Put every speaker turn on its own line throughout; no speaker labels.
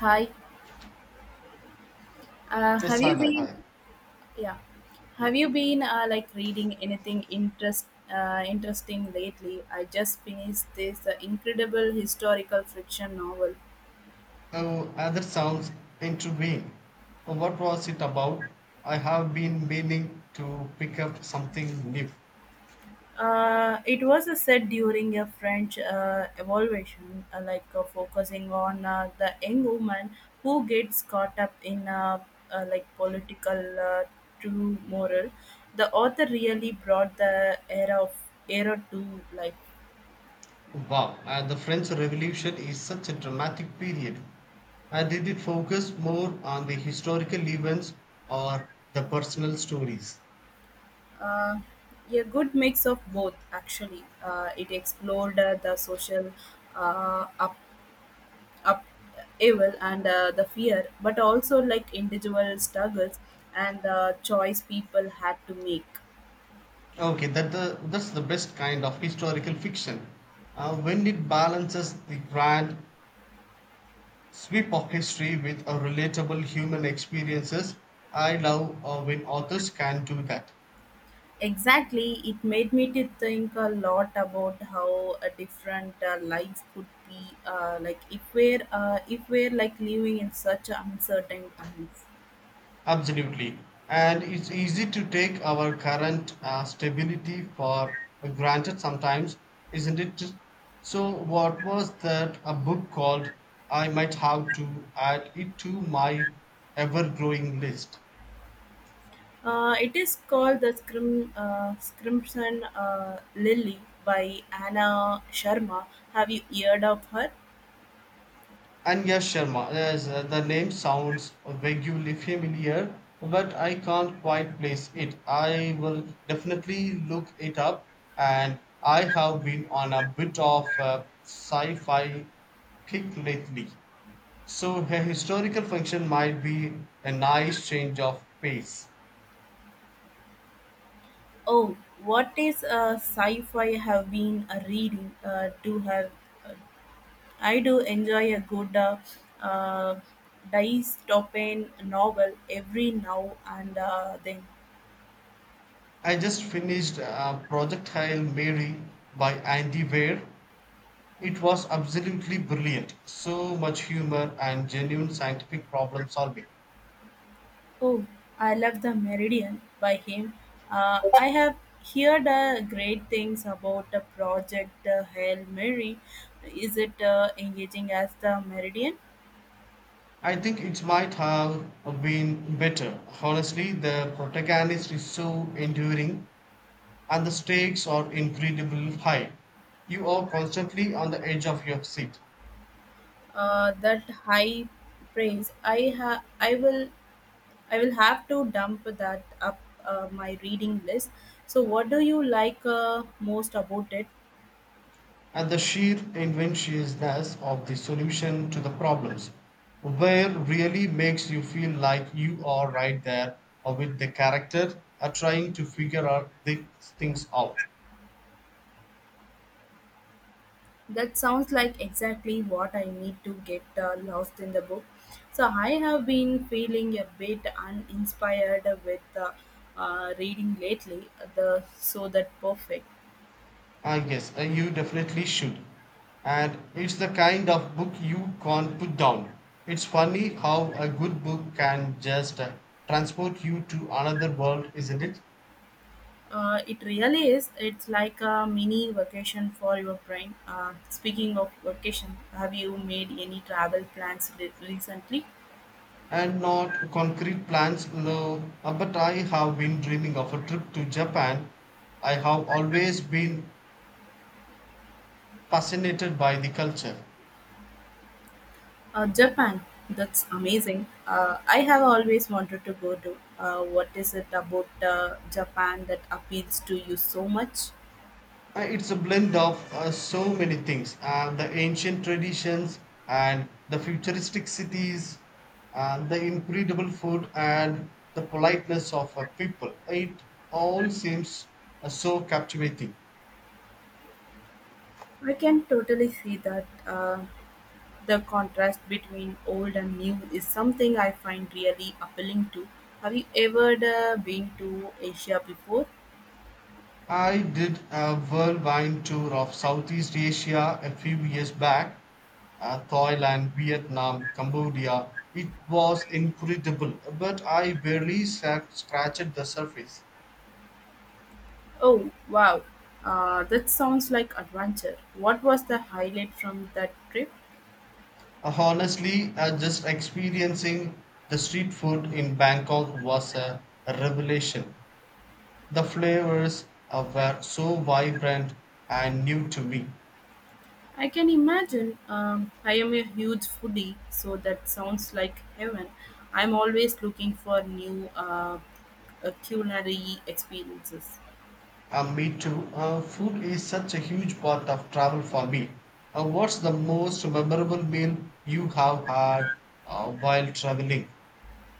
Hi, have you
Sana,
been?
hi.
Yeah,
Mm.
have you been like reading anything interesting lately? I just finished this incredible historical fiction novel.
Oh, other sounds intriguing. Oh, what was it about? I have been meaning to pick up something new.
It was set during a French evaluation, like focusing on the young woman who gets caught up in like political true moral. The author really brought the era of era to life.
Wow, the French Revolution is such a dramatic period. Did it focus more on the historical events or the personal stories?
Uh, a good mix of both, actually. It explored the social up, up evil and the fear, but also like individual struggles and the choice people had to make.
Okay, that's the best kind of historical fiction. When it balances the grand sweep of history with a relatable human experiences. I love when authors can do that.
Exactly, it made me to think a lot about how a different life could be like if we're like living in such uncertain times.
Absolutely. And it's easy to take our current stability for granted sometimes, isn't it? So, what was that a book called? I might have to add it to my ever growing list.
It is called The Scrim, Crimson Lily by Anna Sharma. Have you heard of her?
Anya Sharma. Yes, the name sounds vaguely familiar, but I can't quite place it. I will definitely look it up, and I have been on a bit of a sci-fi kick lately, so a historical function might be a nice change of pace.
Oh, what is sci fi have been reading to have? Uh, I do enjoy a good uh, dystopian novel every now and then.
I just finished Projectile Mary by Andy Weir. It was absolutely brilliant. So much humor and genuine scientific problem solving.
Oh, I love the Meridian by him. I have heard great things about the project Hail Mary. Is it engaging as the Meridian?
I think it might have been better. Honestly, the protagonist is so enduring and the stakes are incredibly high. You are constantly on the edge of your seat.
That high praise. I will have to dump that up my reading list. So, what do you like most about it?
And the sheer inventionlessness of the solution to the problems where really makes you feel like you are right there with the character are trying to figure out these things out.
That sounds like exactly what I need to get lost in the book. So I have been feeling a bit uninspired with reading lately. The so that perfect.
Ah, yes, you definitely should. And it's the kind of book you can't put down. It's funny how a good book can just transport you to another world, isn't it?
It really is. It's like a mini vacation for your brain. Speaking of vacation, have you made any travel plans recently?
And not concrete plans, no. But I have been dreaming of a trip to Japan. I have always been fascinated by the culture.
Japan, that's amazing. I have always wanted to go to. What is it about Japan that appeals to you so much?
It's a blend of so many things: the ancient traditions and the futuristic cities, and the incredible food and the politeness of people. It all seems so captivating.
I can totally see that the contrast between old and new is something I find really appealing to. Have you ever been to Asia before?
I did a worldwide tour of Southeast Asia a few years back: Thailand, Vietnam, Cambodia. It was incredible, but I barely scratched the surface.
Oh, wow. That sounds like adventure. What was the highlight from that trip?
Honestly, just experiencing the street food in Bangkok was a revelation. The flavors were so vibrant and new to me.
I can imagine. I am a huge foodie, so that sounds like heaven. I'm always looking for new culinary experiences.
Me too. Food is such a huge part of travel for me. What's the most memorable meal you have had while traveling?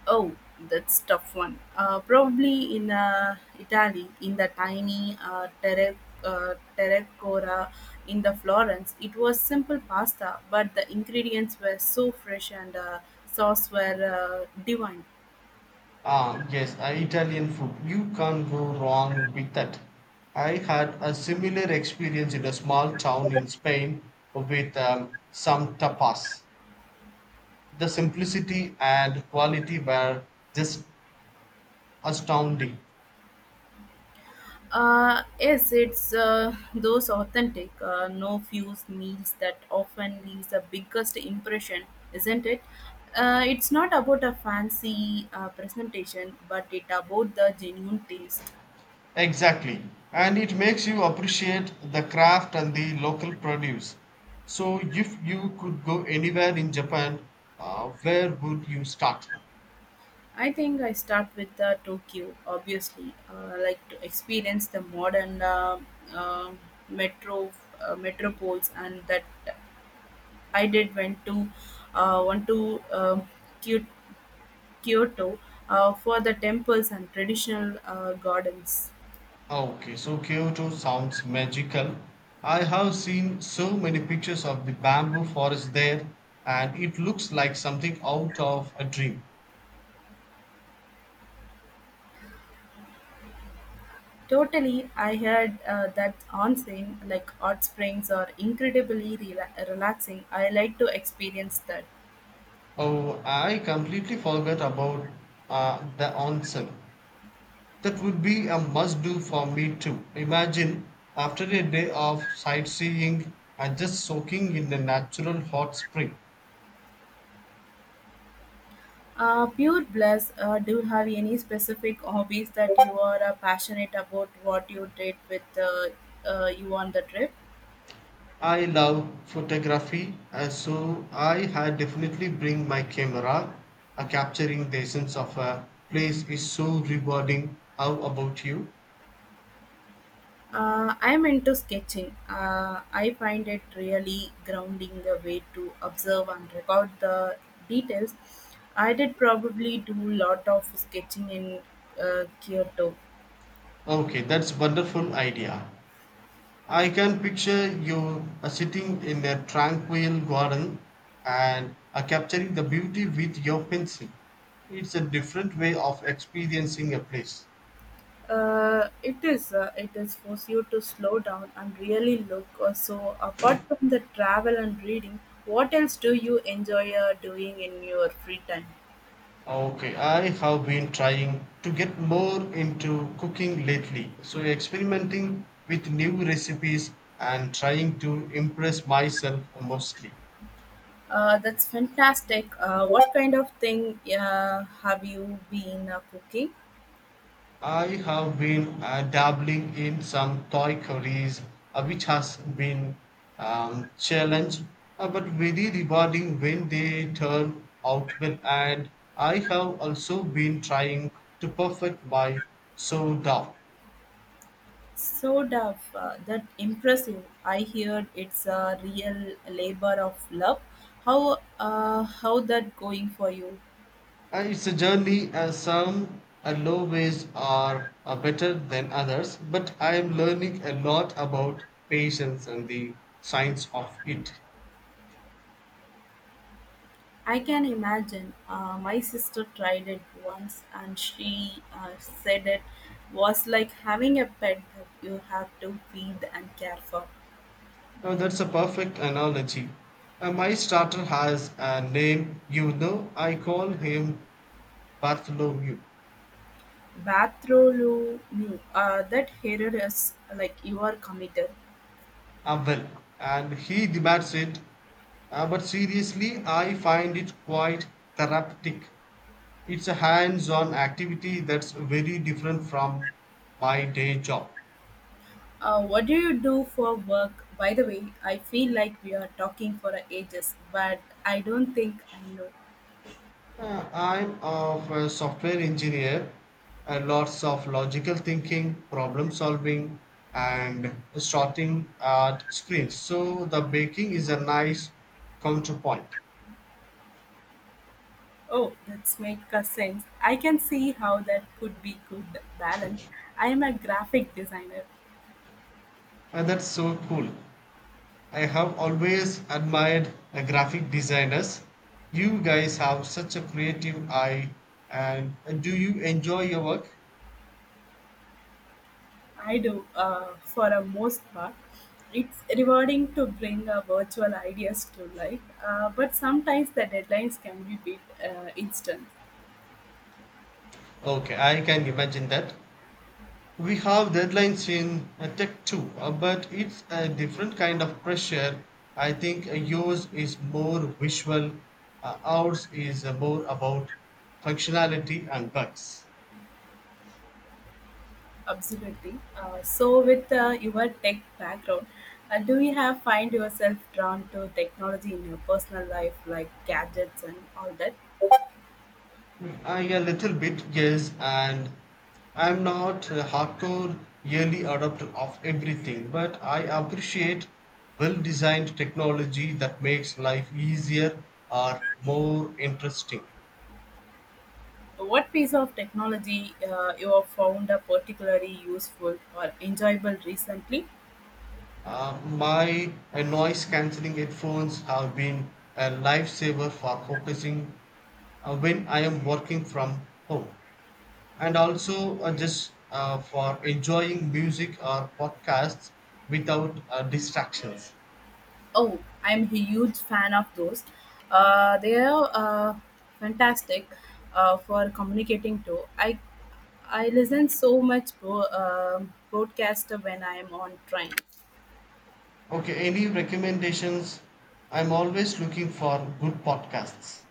Oh, that's tough one. Probably in Italy, in the tiny terracora in the Florence. It was simple pasta, but the ingredients were so fresh and sauce were divine.
Ah, yes, Italian food. You can't go wrong with that. I had a similar experience in a small town in Spain with some tapas. The simplicity and quality were just astounding.
Yes, it's those authentic, no fuse meals that often leaves the biggest impression, isn't it? It's not about a fancy presentation, but it about the genuine taste.
Exactly. And it makes you appreciate the craft and the local produce. So, if you could go anywhere in Japan, where would you start?
I think I start with the Tokyo, obviously, like to experience the modern uh, metro metropoles, and that I did went to want to Kyoto for the temples and traditional gardens.
Okay, so Kyoto sounds magical. I have seen so many pictures of the bamboo forest there, and it looks like something out of a dream.
Totally, I heard that onsen, like hot springs, are incredibly relaxing. I like to experience that.
Oh, I completely forgot about the onsen. That would be a must do for me too. Imagine after a day of sightseeing and just soaking in a natural hot spring.
Pure bliss. Do you have any specific hobbies that you are passionate about? What you did with you on the trip?
I love photography, and so I had definitely bring my camera. Capturing the essence of a place is so rewarding. How about you?
I'm into sketching. I find it really grounding the way to observe and record the details. I did probably do a lot of sketching in Kyoto.
Okay, that's wonderful idea. I can picture you sitting in a tranquil garden and capturing the beauty with your pencil. It's a different way of experiencing a place.
It is force you to slow down and really look. So apart from the travel and reading, what else do you enjoy doing in your free time?
Okay, I have been trying to get more into cooking lately. So, experimenting with new recipes and trying to impress myself mostly.
That's fantastic. What kind of thing have you been cooking?
I have been dabbling in some Thai curries, which has been challenge, but very rewarding when they turn out well. And I have also been trying to perfect my sourdough.
So, tough, that impressive. I heard it's a real labor of love. How that going for you?
And it's a journey, and some low ways are better than others, but I am learning a lot about patience and the science of it.
I can imagine. My sister tried it once, and she said it was like having a pet that you have to feed and care for.
Now, that's a perfect analogy. My starter has a name, you know, I call him Bartholomew.
Bathroom, that hair is like you are committed.
Well, and he demands it. But seriously, I find it quite therapeutic. It's a hands on activity that's very different from my day job.
What do you do for work? By the way, I feel like we are talking for ages, but I don't think I know.
I'm of a software engineer, lots of logical thinking, problem solving, and sorting at sprints. So the baking is a nice counterpoint.
Oh, that's make a sense. I can see how that could be good balance. I am a graphic designer.
And that's so cool. I have always admired graphic designers. You guys have such a creative eye, and do you enjoy your work?
I do for a most part. It's rewarding to bring virtual ideas to life, but sometimes the deadlines can be a bit instant.
Okay, I can imagine that. We have deadlines in tech too, but it's a different kind of pressure. I think yours is more visual, ours is more about functionality and bugs.
Absolutely. So, with your tech background, do you have find yourself drawn to technology in your personal life, like gadgets and all that?
I a little bit, yes, and I'm not a hardcore early adopter of everything, but I appreciate well-designed technology that makes life easier or more interesting.
What piece of technology you have found a particularly useful or enjoyable recently?
My noise cancelling headphones have been a lifesaver for focusing when I am working from home and also just for enjoying music or podcasts without distractions.
Oh, I'm a huge fan of those. They are fantastic for communicating too. I listen so much broadcaster when I am on train.
Okay, any recommendations? I'm always looking for good podcasts.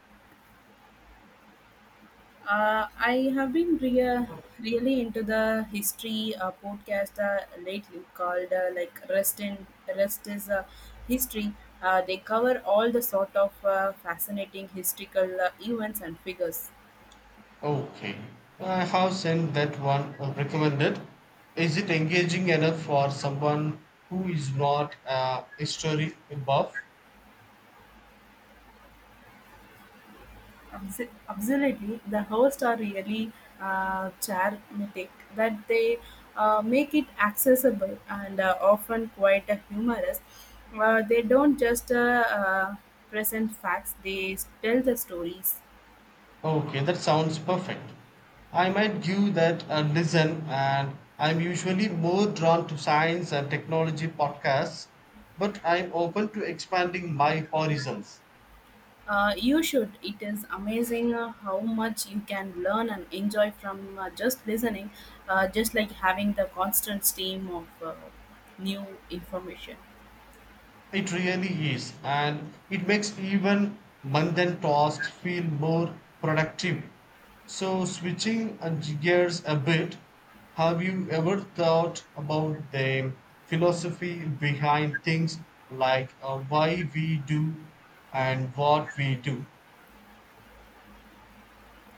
I have been rea- really into the history podcast lately called like Rest is History. They cover all the sort of fascinating historical events and figures.
Okay. I have sent that one recommended. Is it engaging enough for someone who is not a history buff?
Absolutely, the hosts are really charismatic that they make it accessible and often quite humorous. They don't just present facts; they tell the stories.
Okay, that sounds perfect. I might give that a listen, and I'm usually more drawn to science and technology podcasts, but I'm open to expanding my horizons.
You should. It is amazing how much you can learn and enjoy from just listening, just like having the constant stream of new information.
It really is, and it makes even mundane tasks feel more productive. So, switching gears a bit, have you ever thought about the philosophy behind things like why we do and what we do?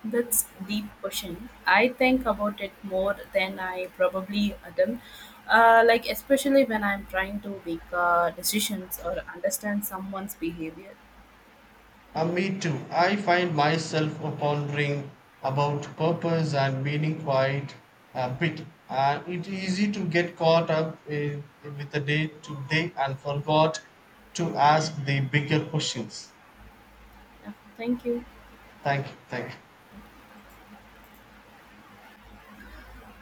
That's deep question. I think about it more than I probably done. Like especially when I'm trying to make decisions or understand someone's behavior.
Me too. I find myself pondering about purpose and meaning quite a bit. And it's easy to get caught up in, with the day to day and forgot to ask the bigger questions.
Yeah, thank you.
Thank you. Thank you.